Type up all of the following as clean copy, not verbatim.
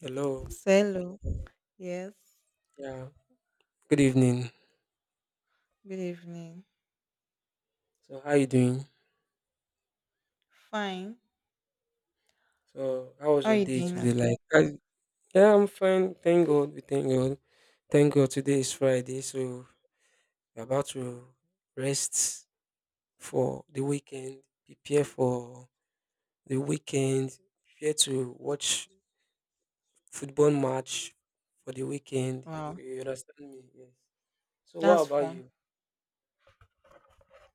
Hello. Hello. Yes. Yeah. Good evening. Good evening. So how you doing? Fine. So how was How are your you day doing today? as well? Yeah, I'm fine. Thank God. We thank God. Thank God. Today is Friday, so we're about to rest for the weekend. Prepare for the weekend. Prepare to watch football match for the weekend. So Wow, you understand me? Yes. So what that's about fun. you?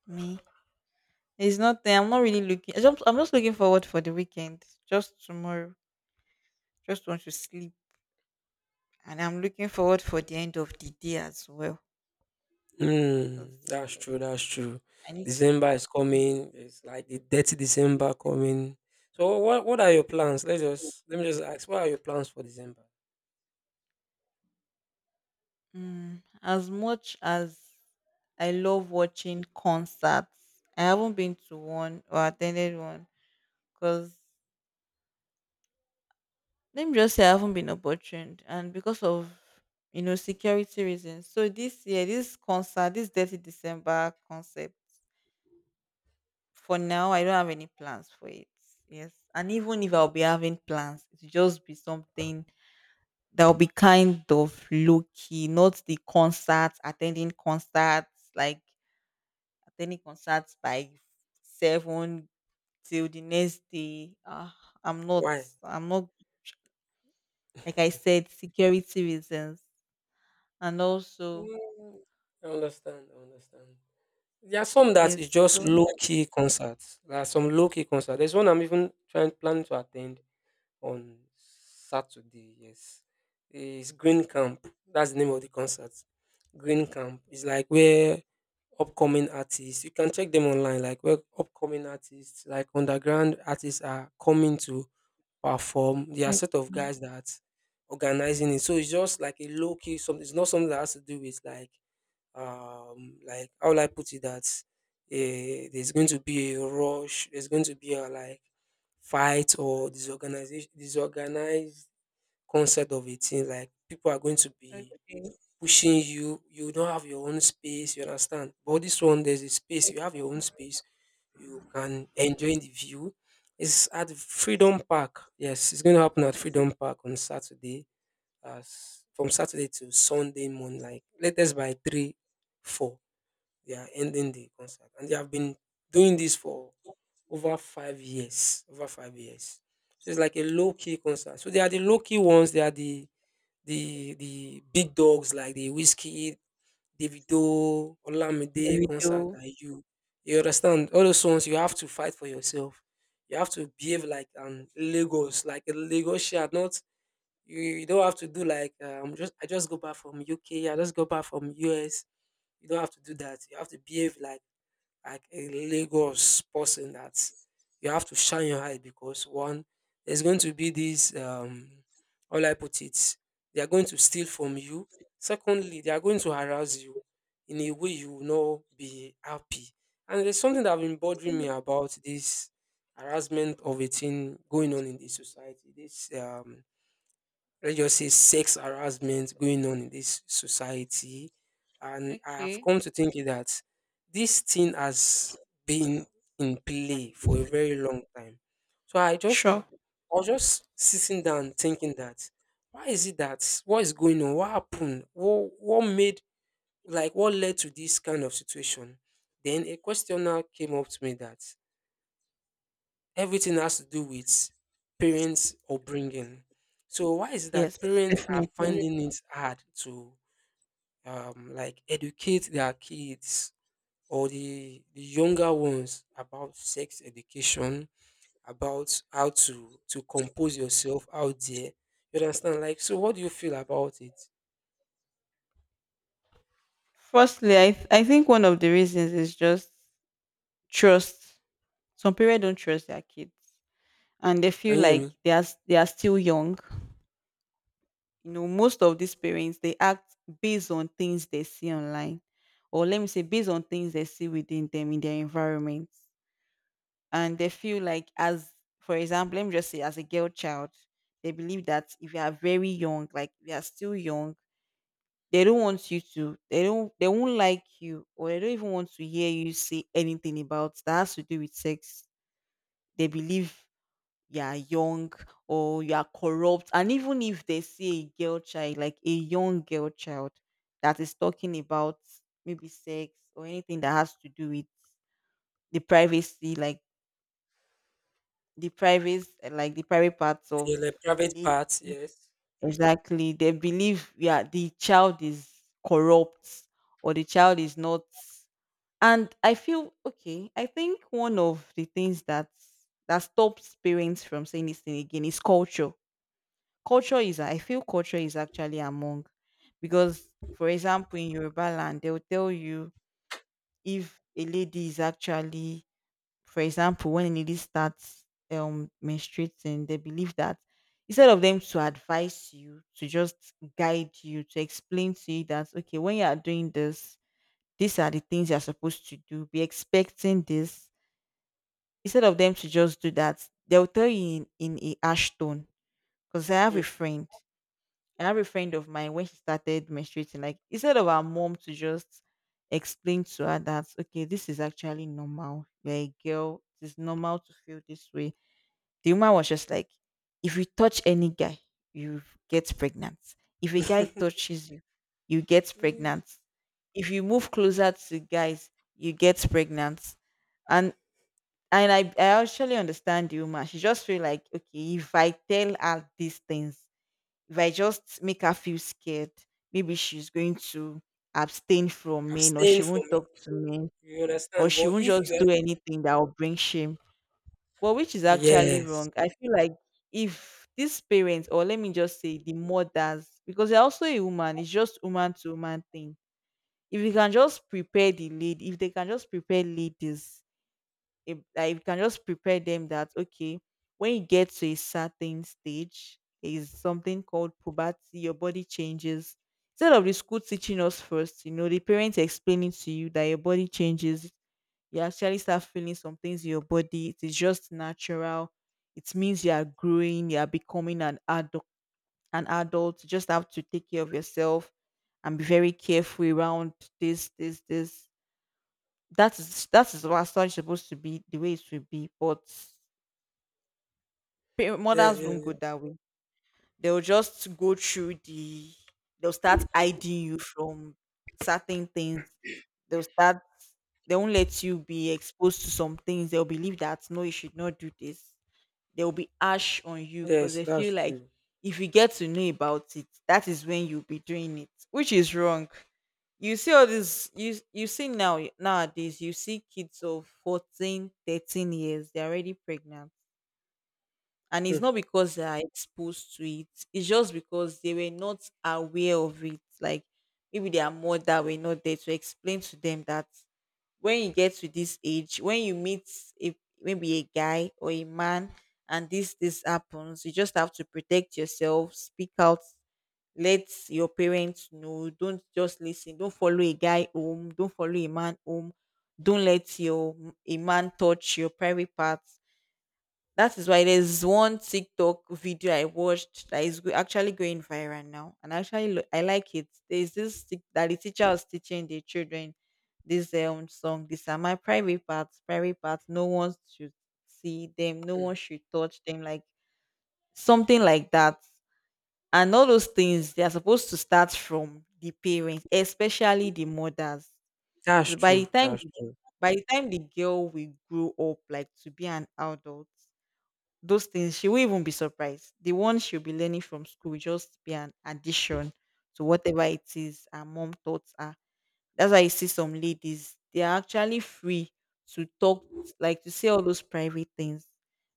Me. It's not. I'm not really looking. I'm just looking forward for the weekend. Just tomorrow. Just want to sleep, and I'm looking forward for the end of the day as well. Mm, Cause that's true, that's true. I need to December is eat. coming. It's like the dirty December coming. So what are your plans? Let's just let me just ask, What are your plans for December? As much as I love watching concerts, I haven't been to one or attended one. Cause let me just say I haven't been opportuned, and because of security reasons. So this year, this concert, this Dirty December concept, for now, I don't have any plans for it. Yes, and even if I'll be having plans, it'll just be something that'll be kind of low key, not the concerts, attending concerts, like attending concerts by seven till the next day. Ah, I'm not, Why? I'm not. Like I said, security reasons. And also Mm, I understand, I understand. There are some that is yes. just So low key concerts. There are some low key concerts. There's one I'm even trying planning to attend on Saturday. Yes, it's Green Camp. That's the name of the concert. Green Camp is like where upcoming artists. You can check them online. Like where upcoming artists, like underground artists, are coming to perform. There are okay, set of guys that organizing it. So it's just like a low key. Something. It's not something that has to do with like how will I put it that eh, there's going to be a rush, there's going to be a like fight or disorganization disorganized concept of a thing. Like people are going to be okay, pushing you, you don't have your own space, you understand? But this one, there's a space, you have your own space, you can enjoy the view. It's at Freedom Park. Yes, it's going to happen at Freedom Park on Saturday, as from Saturday to Sunday morning, like latest by 3 4 they are ending the contract, and they have been doing this for over 5 years. Over 5 years, so it's like a low key concert. So they are the low key ones. They are the big dogs like the Whiskey, Davido, there Olamide we concert go. that you understand. All those ones you have to fight for yourself. You have to behave like an Lagos, like a Lagos shard, not you don't have to do like I'm just, I just go back from UK, I just go back from US. You don't have to do that. You have to behave like a Lagos person that you have to shine your eye because one, there's going to be these how will I put it, they are going to steal from you. Secondly, they are going to harass you in a way you will not be happy. And there's something that have been bothering me about this harassment of a thing going on in this society. This Let's just say sex harassment going on in this society. And I have Okay, come to think that this thing has been in play for a very long time. So I just sure. I was just sitting down thinking that why is it that what is going on? What happened? What made, like what led to this kind of situation? Then a questioner came up to me that everything has to do with parents' upbringing. So why is it that Yes, parents are definitely. Yeah. finding it hard to like educate their kids or the younger ones about sex education, about how to compose yourself out there? You understand? Like, so what do you feel about it? Firstly, I think one of the reasons is just trust. Some parents don't trust their kids, and they Can feel you hear like me? they are still young. You know, most of these parents they act based on things they see online, or let me say based on things they see within them in their environment. And they feel like, as, for example, let me just say, as a girl child, they believe that if you are very young, like you are still young, they don't want you to, they don't, they won't like you, or they don't even want to hear you say anything about that has to do with sex. They believe you are young or you are corrupt. And even if they see a girl child, like a young girl child, that is talking about maybe sex or anything that has to do with the privacy, like the private, like the private parts of Yeah, like a private lady, parts, yes. exactly, they believe, yeah, the child is corrupt or the child is not. And I feel, okay, I think one of the things that stops parents from saying this thing again is culture. Culture is, I feel culture is actually among, because, for example, in Yoruba land they will tell you, if a lady is actually, for example, when a lady starts menstruating, they believe that, instead of them to advise you, to just guide you, to explain to you that okay, when you are doing this, these are the things you are supposed to do. Be expecting this. Instead of them to just do that, they'll tell you in a ash tone. Because I have a Hmm. friend. I have a friend of mine, when she started menstruating, like instead of our mom to just explain to her that okay, this is actually normal. You're a girl, it is normal to feel this way. The woman was just like, if you touch any guy, you get pregnant. If a guy touches you, you get Mm. pregnant. If you move closer to guys, you get pregnant. And and I actually understand the woman. She just feel like, okay, if I tell her these things, if I just make her feel scared, maybe she's going to abstain from men, or Abstain she from won't it. talk to men, You or understand? she But won't if you just are, do anything that will bring shame. Well, which is actually yes, wrong. I feel like, if these parents, or let me just say the mothers, because they're also a woman, it's just woman to woman thing. If you can just prepare the lead, if they can just prepare ladies, if, like, if you can just prepare them that okay, when you get to a certain stage, there is something called puberty, your body changes. Instead of the school teaching us first, you know, the parents explaining to you that your body changes, you actually start feeling some things in your body. It is just natural. It means you are growing, you are becoming an adult, an adult. You just have to take care of yourself and be very careful around this, this, this. That is, that is what such supposed to be the way it should be. But pa- yeah, mothers won't go yeah. that way. They'll just go through the, they'll start hiding you from certain things. They'll start, they won't let you be exposed to some things. They'll believe that no, you should not do this. They'll be ash on you because Yes, they that's feel like true. if you get to know about it, that is when you'll be doing it, which is wrong. You see all this, you see now nowadays you see kids of 14, 13 years, they're already pregnant, and Hmm. it's not because they are exposed to it, it's just because they were not aware of it, like maybe their mother were not there to explain to them that when you get to this age, when you meet a, maybe a guy or a man, and this happens, you just have to protect yourself, speak out, let your parents know. Don't just listen, don't follow a guy home, don't follow a man home, don't let your, a man touch your private parts. That is why there's one TikTok video I watched that is go- actually going viral now, and actually lo- I like it. There's this tic- that the teacher was teaching the children this song. These are my private parts, private parts. No one should see them. No Mm. one should touch them. Like, something like that. And all those things they are supposed to start from the parents, especially the mothers. That's So by true. the time, That's true. by the time the girl will grow up, like to be an adult, those things, she will even be surprised, the one she'll be learning from school will just be an addition to whatever it is her mom taught her. That's why you see some ladies, they are actually free to talk, like to say all those private things,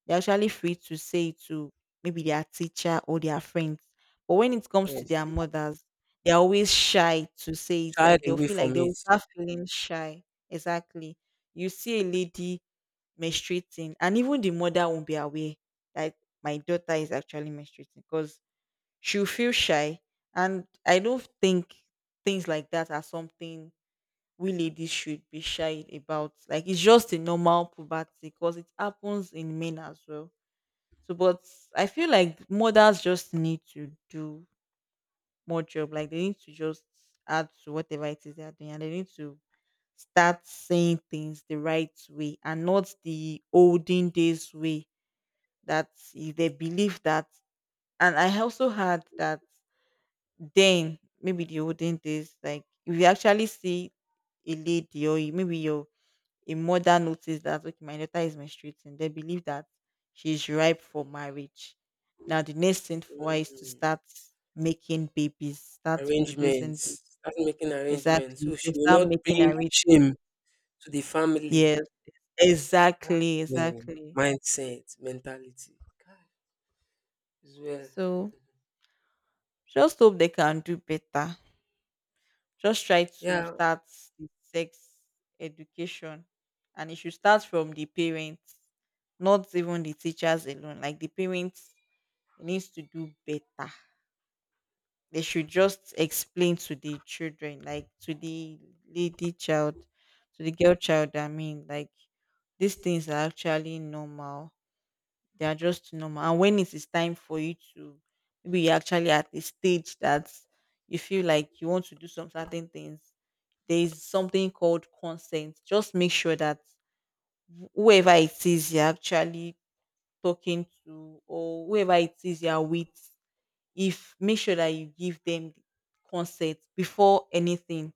they're actually free to say it to maybe their teacher or their friends, but when it comes to Yes. their mothers, they're always shy to say it, Shy like they'll away feel like, from they'll it. start feeling shy. Exactly. You see a lady menstruating and even the mother won't be aware that my daughter is actually menstruating, because she'll feel shy. And I don't think things like that are something we ladies should be shy about, like it's just a normal puberty, because it happens in men as well. So but I feel like mothers just need to do more job, like they need to just add to whatever it is they're doing, and they need to start saying things the right way and not the olden days way. That, I- they believe that, and I also heard that then, maybe the olden days, like if you actually see a lady, or you- maybe your, a mother notice that okay my daughter is menstruating, they believe that she's ripe for marriage. Now the next thing for her is to Mm. start making babies, start producing Arrangements. babies. Start making arrangements. Exactly, So they she will start not making bring shame arrangements. to the family. Yes, Ah, exactly, yeah. exactly. Mindset, mentality. God, it's well. So just hope they can do better. Just try to Yeah. start the sex education, and it should start from the parents, not even the teachers alone. Like the parents needs to do better. They should just explain to the children, like to the lady child, to the girl child. I mean, like, these things are actually normal, they are just normal. And when it is time for you to, maybe you're actually at a stage that you feel like you want to do some certain things, there is something called consent. Just make sure that whoever it is you're actually talking to, or whoever it is you're with, if, make sure that you give them consent before anything.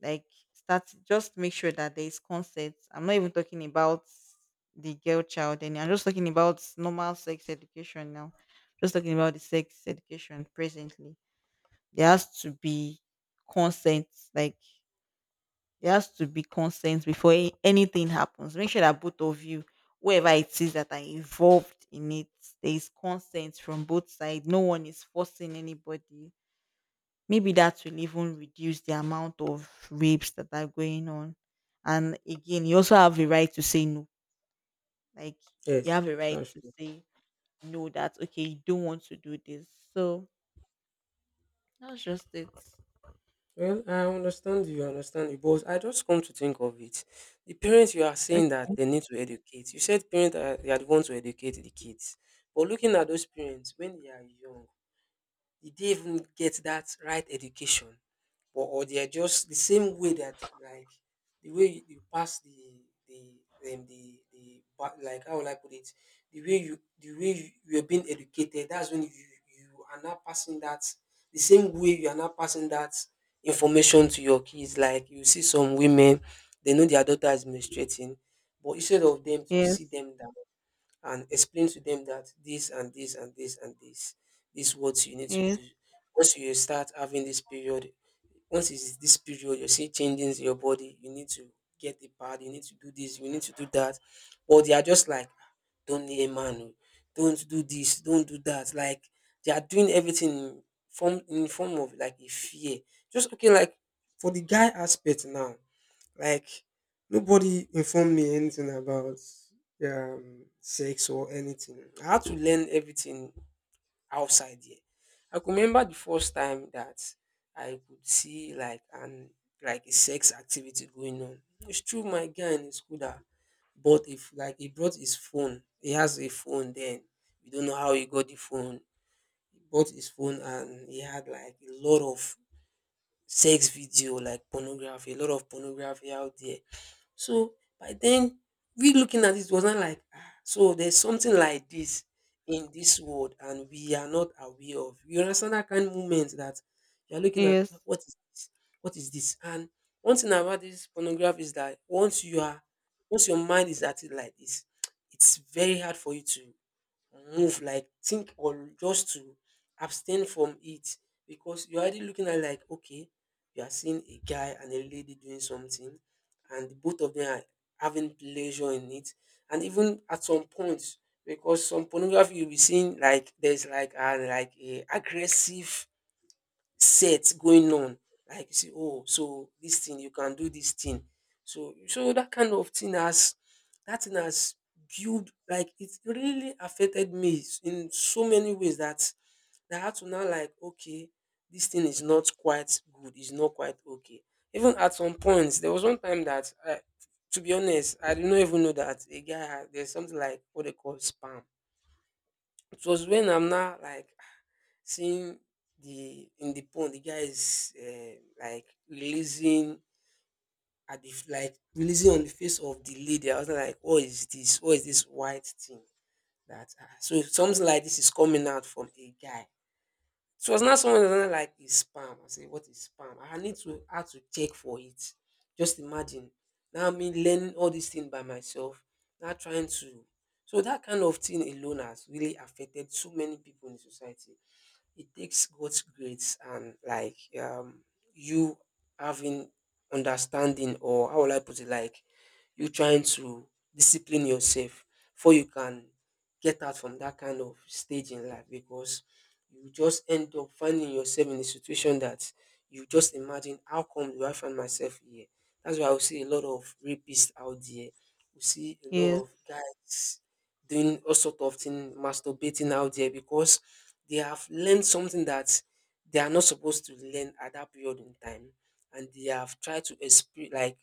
Like, start, just make sure that there is consent. I'm not even talking about the girl child and I'm just talking about normal sex education now. Just talking about the sex education presently. There has to be consent. Like, there has to be consent before a- anything happens. Make sure that both of you, whoever it is that are involved in it, there is consent from both sides. No one is forcing anybody. Maybe that will even reduce the amount of rapes that are going on. And again, you also have a right to say no. Like, you Yes, have a right that's to true. say no, that okay, you don't want to do this. So that's just it. Well, I understand you, but I just come to think of it. The parents you are saying Okay. that they need to educate. You said parents are they are the ones to educate the kids. But looking at those parents when they are young, did not even get that right education, or they are just the same way that like the way you, you pass the the like how will I put it, the way you, you are being educated, that's when you are not passing that, the same way you are not passing that information to your kids. Like you see some women, they know their daughter is menstruating, but instead of them to see Yes. them down and explain to them that this and this and this and this, this is what you need to Yes. do once you start having this period. Once it's this period, you see changes in your body, you need to get the pad, you need to do this, you need to do that. But they are just like, "Ah, don't need a man, oh, don't do this, don't do that." Like they are doing everything in form of like a fear. Just okay, like for the guy aspect now, like nobody informed me anything about sex or anything. I had to learn everything outside here. I could remember the first time that I could see like an like a sex activity going on. It's true, my guy in his school that bought if like he brought his phone. He has a phone then. We don't know how he got the phone. He bought his phone and he had like a lot of sex video, like pornography, a lot of pornography out there. So by then, we looking at it was not like, ah, so there's something like this in this world and we are not aware of. You understand that kind of moment that you're looking at, "Ah, Yes. what is this? What is this?" And one thing about this pornography is that once your mind is at it like this, it's very hard for you to move, like think or just to abstain from it, because you're already looking at like, okay, you are seeing a guy and a lady doing something, and both of them are having pleasure in it. And even at some point, because some pornography you'll be seeing like there's like a aggressive set going on. Like you say, oh, so this thing, you can do this thing. So that kind of thing has that thing has built, like it really affected me in so many ways that I had to now like okay, this thing is not quite good, it's not quite okay. Even at some points, there was one time that to be honest, I did not even know that a guy had, there's something like what they call spam. It was when I'm now like seeing the in the pond, the guy is like releasing at the like releasing on the face of the lady. I was like, what is this? What is this white thing? That ah, so if something like this is coming out from a guy. So it was not someone, that was not like is spam. I say, what is spam? I had to check for it. Just imagine. Now me learning all these things by myself. Now trying to So that kind of thing alone has really affected so many people in the society. It takes both grades and you having understanding, or how will I put it, like you trying to discipline yourself before you can get out from that kind of stage in life, because you just end up finding yourself in a situation that you just imagine, how come do I find myself here? That's why I will see a lot of rapists out there. You see a lot Yes. of guys doing all sort of thing, masturbating out there because they have learned something that they are not supposed to learn at that period in time, and they have tried to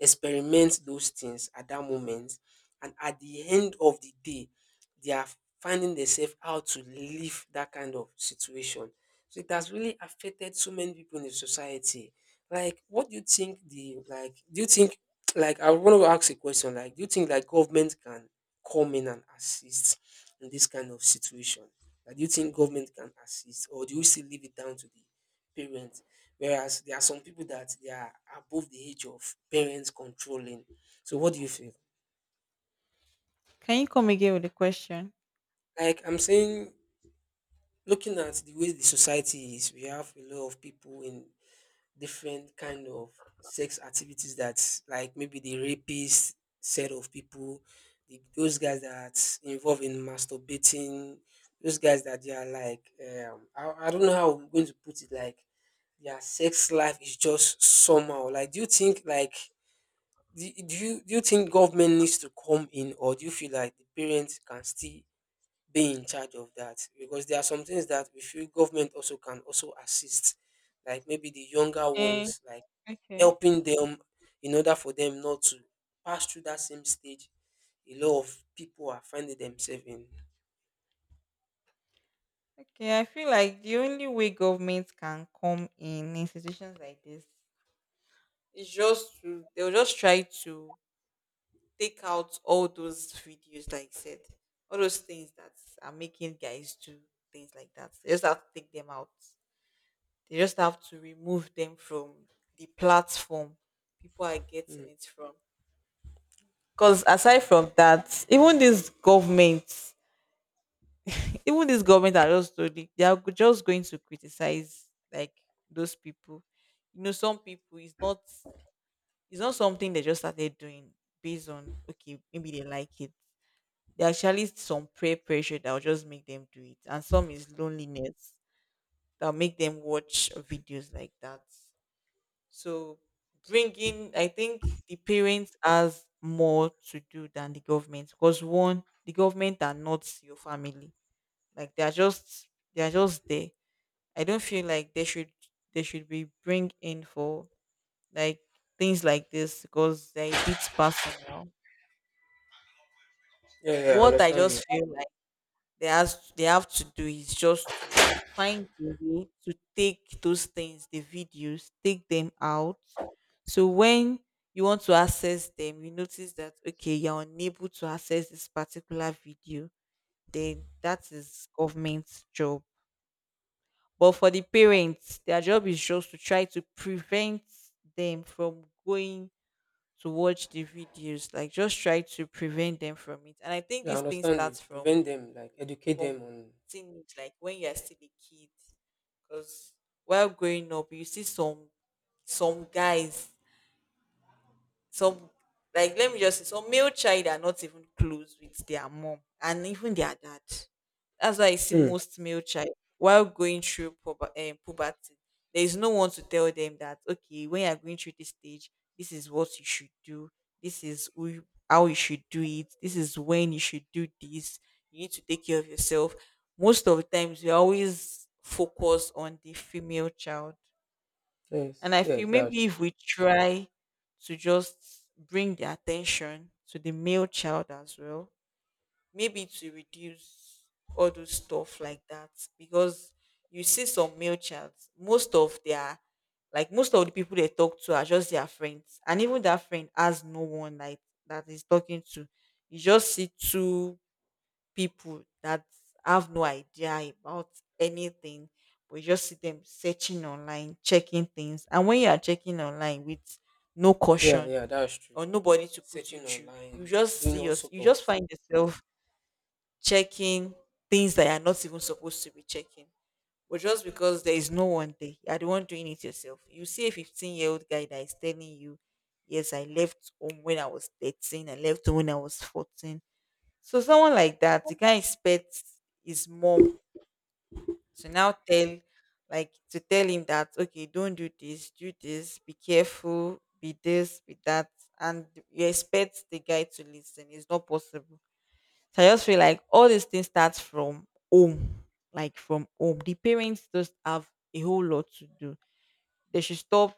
experiment those things at that moment, and at the end of the day, they are finding themselves how to leave that kind of situation. So it has really affected so many people in the society. Like, what do you think the like? Do you think like I want to ask a question? Like, do you think like government can come in and assist in this kind of situation? Like, do you think government can assist, or do you still leave it down to the parents? Whereas there are some people that they are above the age of parents controlling. So, what do you feel? Can you come again with the question? Like I'm saying, looking at the way the society is, we have a lot of people in different kind of sex activities that like maybe the rapist set of people, those guys that involved in masturbating, those guys that they are like I don't know how I'm going to put it, like their sex life is just somehow. Like do you think like do, do you think government needs to come in, or do you feel like the parents can still be in charge of that? Because there are some things that we feel government also can also assist, like maybe the younger Eh, ones, like okay. helping them in order for them not to pass through that same stage a lot of people are finding themselves in. Okay. I feel like the only way governments can come in institutions like this is just to, they'll just try to take out all those videos, like I said, all those things that are making guys do things like that. They just have to take them out. They just have to remove them from the platform people are getting Mm. it from. Because aside from that, even these governments, even these government are just doing, they are just going to criticize like those people. Some people it's not something they just started doing based on okay, maybe they like it. There are actually some peer pressure that will just make them do it, and some is loneliness that will make them watch videos like that. So bringing, I think the parents has more to do than the government because one, the government are not your family. Like they are just there. I don't feel like they should be bring in for like things like this because they're a bit personal. Yeah, yeah, I What I understand you. just feel they have to do is just to find a way to take those things, the videos, take them out. So when you want to access them, you notice that okay, you're unable to access this particular video, then that is government's job. But for the parents, their job is just to try to prevent them from going to watch the videos, like just try to prevent them from it. And I think Yeah, I this thing understand you. starts from Prevent them, like educate from them on. teenage, like when you are still a kid. Because while growing up, you see some guys some like let me just say some male child are not even close with their mom and even their dad. That's why I see Hmm. most male child while going through puberty. There is no one to tell them that okay, when you are going through this stage, this is what you should do. This is how you should do it. This is when you should do this. You need to take care of yourself. Most of the times, we always focus on the female child, and Yes, I yes, feel that's maybe if we try to just bring the attention to the male child as well, maybe to reduce all those stuff like that. Because you see some male child, most of their like most of the people they talk to are just their friends. And even that friend has no one like that is talking to. You just see two people that have no idea about anything, but you just see them searching online, checking things. And when you are checking online with no yeah, caution yeah, that's true. or nobody to put Searching you through, online, doing all sort you of just find yourself checking things that you are not even supposed to be checking. But just because there is no one there, you are the one doing it yourself. You see a 15-year-old guy that is telling you, yes, I left home when I was 13, I left home when I was 14. So someone like that, you can't expect his mom to now tell, like, to tell him that, okay, don't do this, be careful, be this, be that, and you expect the guy to listen. It's not possible. So I just feel like all these things start from home, like from home. The parents just have a whole lot to do. They should stop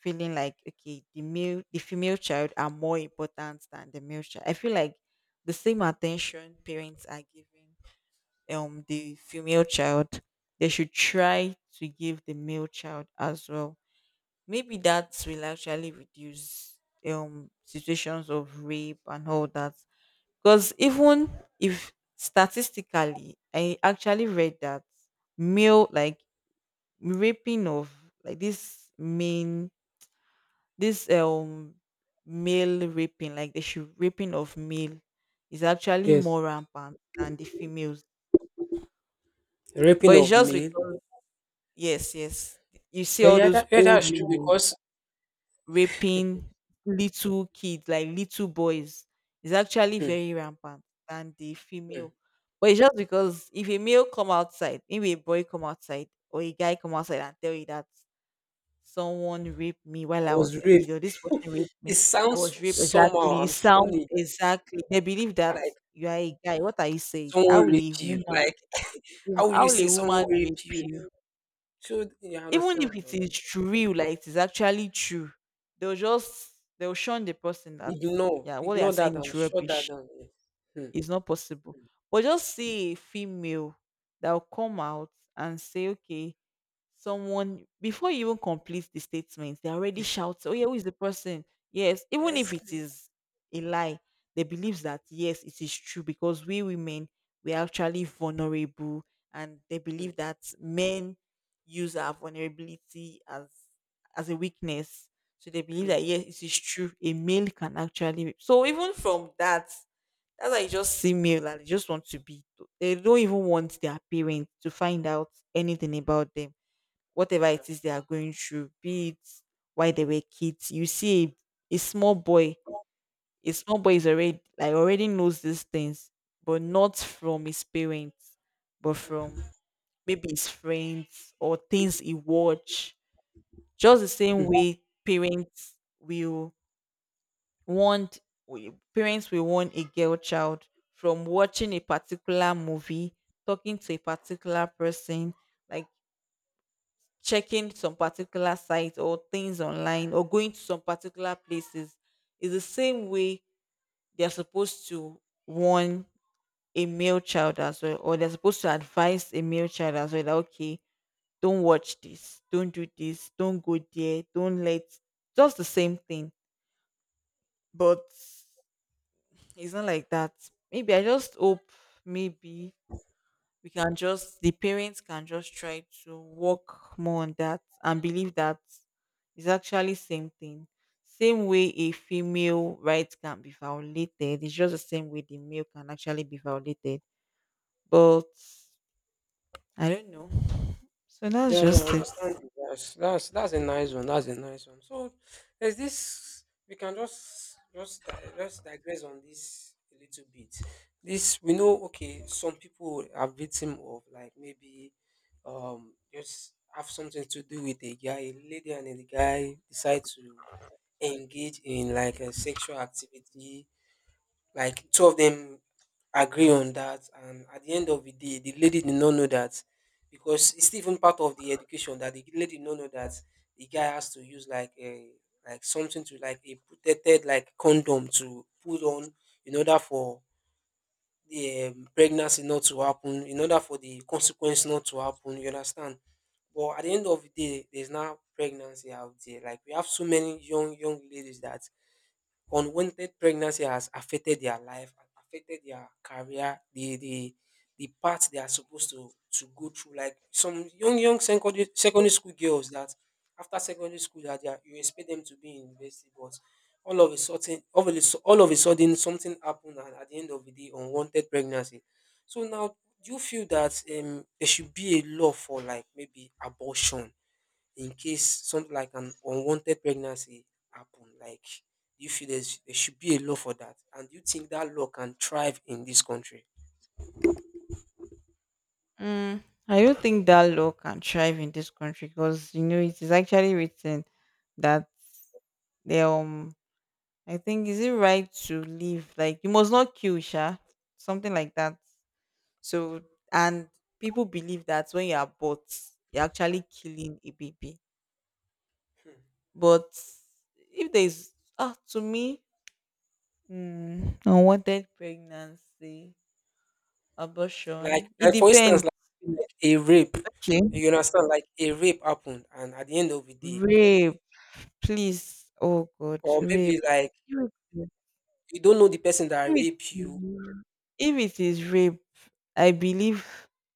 feeling like okay, the female child are more important than the male child. I feel like the same attention parents are giving the female child, they should try to give the male child as well. Maybe that will actually reduce situations of rape and all that. Because even if statistically, I actually read that male like raping of like this main this male raping, like the should raping of male, is actually yes, more rampant than the females. raping But it's of just mail. because yes, yes, you see Yeah, all yeah, those that, yeah, old that's true women because raping little kids, like little boys. It's actually Hmm, very rampant than the hmm. female. But it's just because if a male come outside, if a boy come outside or a guy come outside and tell you that someone raped me while I I was was a kid, raped. or this person raped me. It I sounds was raped. Exactly. somehow It and sounds funny, exactly. They believe that like you are a guy. What are you saying? someone How will a raped you, woman, like. How will how you will a say someone woman rape rape you? you? So you Even if understand? I it understand. is true, like it is actually true, they'll just they'll shun the person that Ignore, yeah, what they are ignore that saying and is shut that rubbish. down. Yes. Hmm. It's not possible. But just see a female that will come out and say, okay, someone, before you even complete the statement, they already shout, "Oh yeah, who is the person?" Yes, even if Yes. it is a lie, they believes that yes, it is true because we women we are actually vulnerable, and they Hmm. believe that men use our vulnerability as a weakness. So they believe Hmm. that yes, it is true. A male can actually, so even from that, that's why you just see male and they just want to be. They don't even want their parents to find out anything about them whatever it That's is they are going through, be it why they were kids. You see a small boy, a small boy is already like already knows these things, but not from his parents, but from maybe his friends or things he watch. Just the same true. way parents will want parents will want a girl child from watching a particular movie, talking to a particular person, like checking some particular sites or things online or going to some particular places is the same way they're supposed to warn a male child as well, or they're supposed to advise a male child as well that okay, don't watch this, don't do this, don't go there, don't let, just the same thing. But it's not like that. Maybe I just hope maybe we can just the parents can just try to work more on that and believe that it's actually same thing, same way a female right can be violated, it's just the same way the male can actually be violated. But I don't know, so that's Yeah, yeah, I just it. understand you. Yes, that's a nice one. That's a nice one. So there's this, we can just digress on this a little bit. This we know, okay, some people are victim of, like, maybe just have something to do with a guy. A lady and a guy decide to engage in like a sexual activity, like two of them agree on that, and at the end of the day the lady did not know that, because it's even part of the education that the lady did not know that the guy has to use like a, like something to, like a protected, like condom to put on, in order for the pregnancy not to happen, in order for the consequence not to happen, you understand? But at the end of the day there's now pregnancy out there. Like, we have so many young young ladies that unwanted pregnancy has affected their life, has affected their career, the the path they are supposed to go through. Like some young young secondary secondary school girls that after secondary school that they are, you expect them to be in university, but all of a sudden, all of a sudden, something happened, and at the end of the day, unwanted pregnancy. So now, do you feel that there should be a law for like maybe abortion? In case something like an unwanted pregnancy happen, like do you feel there should be a law for that, and do you think that law can thrive in this country? Mm, I don't think that law can thrive in this country because you know it is actually written that they, um I think is it right to live like you must not kill sha, something like that. So, and people believe that when you are bought, you're actually killing a baby. Hmm. But if there is, ah, to me, unwanted pregnancy, like, abortion, it like for instance, depends. Like a rape, Okay. you understand? Like a rape happened, and at the end of the day, Rape, please. Oh, God, or maybe rape. like you don't know the person that If it raped if you. it is if it is rape, I believe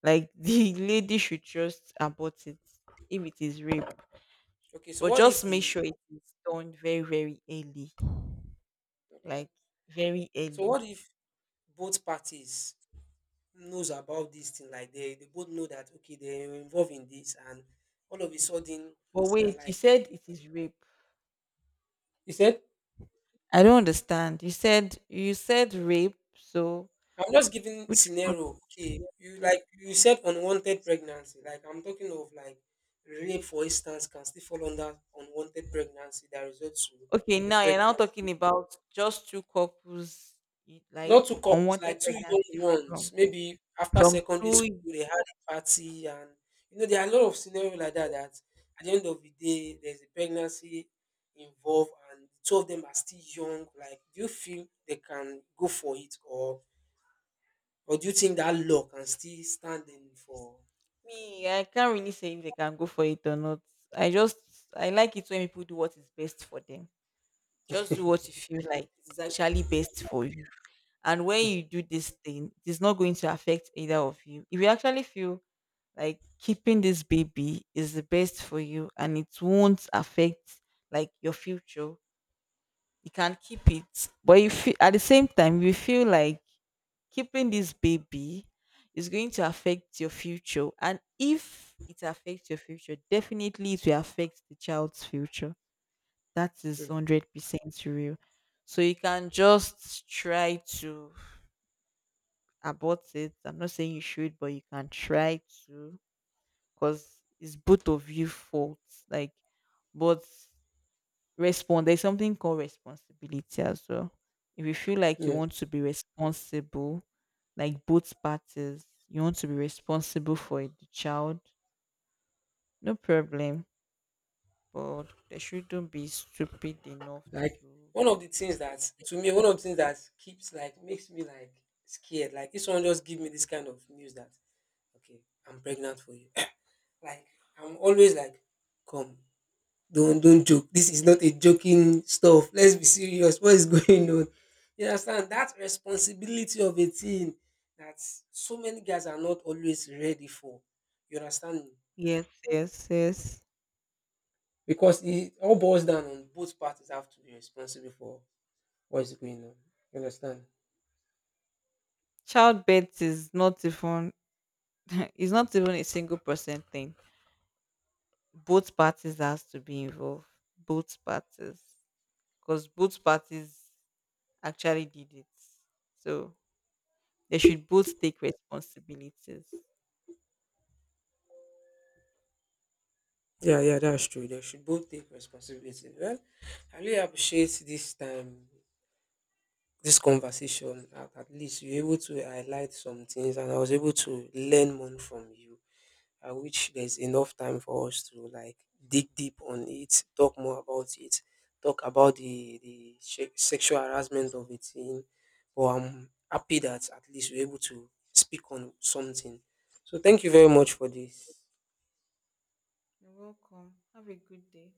like the lady should just abort it if it is rape. Okay, so But what if just make the sure it is done very, very early. okay Like very so early. what if both parties knows about this thing? Like, they both know that okay they're involved in this, and all of a sudden But they are wait, you like said it is rape. You said I don't understand. You said rape, so I'm just giving which part? scenario. Okay, you like you said unwanted pregnancy. Like I'm talking of like rape, for instance, can still fall under unwanted pregnancy that results to Okay, now you're now pregnancy. talking about just two couples, like Not two couples, unwanted like two young pregnancy ones. from Maybe after from secondary two school, they had a party, and you know there are a lot of scenario like that. That at the end of the day, there's a pregnancy involved, and two of them are still young. Like, do you feel they can go for it, or do you think that law can still stand in for me. I can't really say if they can go for it or not. I just, I like it when people do what is best for them. Just do what you feel like is actually best for you. And when you do this thing, it is not going to affect either of you. If you actually feel like keeping this baby is the best for you and it won't affect like your future, you can keep it. But if feel, at the same time you feel like keeping this baby is going to affect your future, and if it affects your future, definitely it will affect the child's future. That is Hmm. 100% real. So you can just try to about it. I'm not saying you should, but you can try to, because it's both of you faults. Like, but respond. There's something called responsibility as well. If you feel like you Yes. want to be responsible, like both parties, you want to be responsible for the child, no problem. But they shouldn't be stupid enough Like to. one of the things that to me, one of the things that keeps like makes me like scared. Like this one just give me this kind of news that okay, I'm pregnant for you. Like I'm always like, come, don't joke. This is not a joking stuff. Let's be serious. What is going on? You understand that responsibility of a teen that so many guys are not always ready for. You understand me? Yes, yes, yes. Because it all boils down on both parties have to be responsible for what is going on. You understand? Childbirth is not even it's not even a single person thing. Both parties has to be involved, both parties because both parties actually did it, so they should both take responsibilities. Yeah, yeah, that's true. They should both take responsibility. Well, I really appreciate this time, this conversation. At least you're able to highlight some things, and I was able to learn more from you. I wish there's enough time for us to like dig deep on it, talk more about it, talk about the sexual harassment of it. In, but I'm happy that at least we're able to speak on something. So thank you very much for this. You're welcome, have a good day.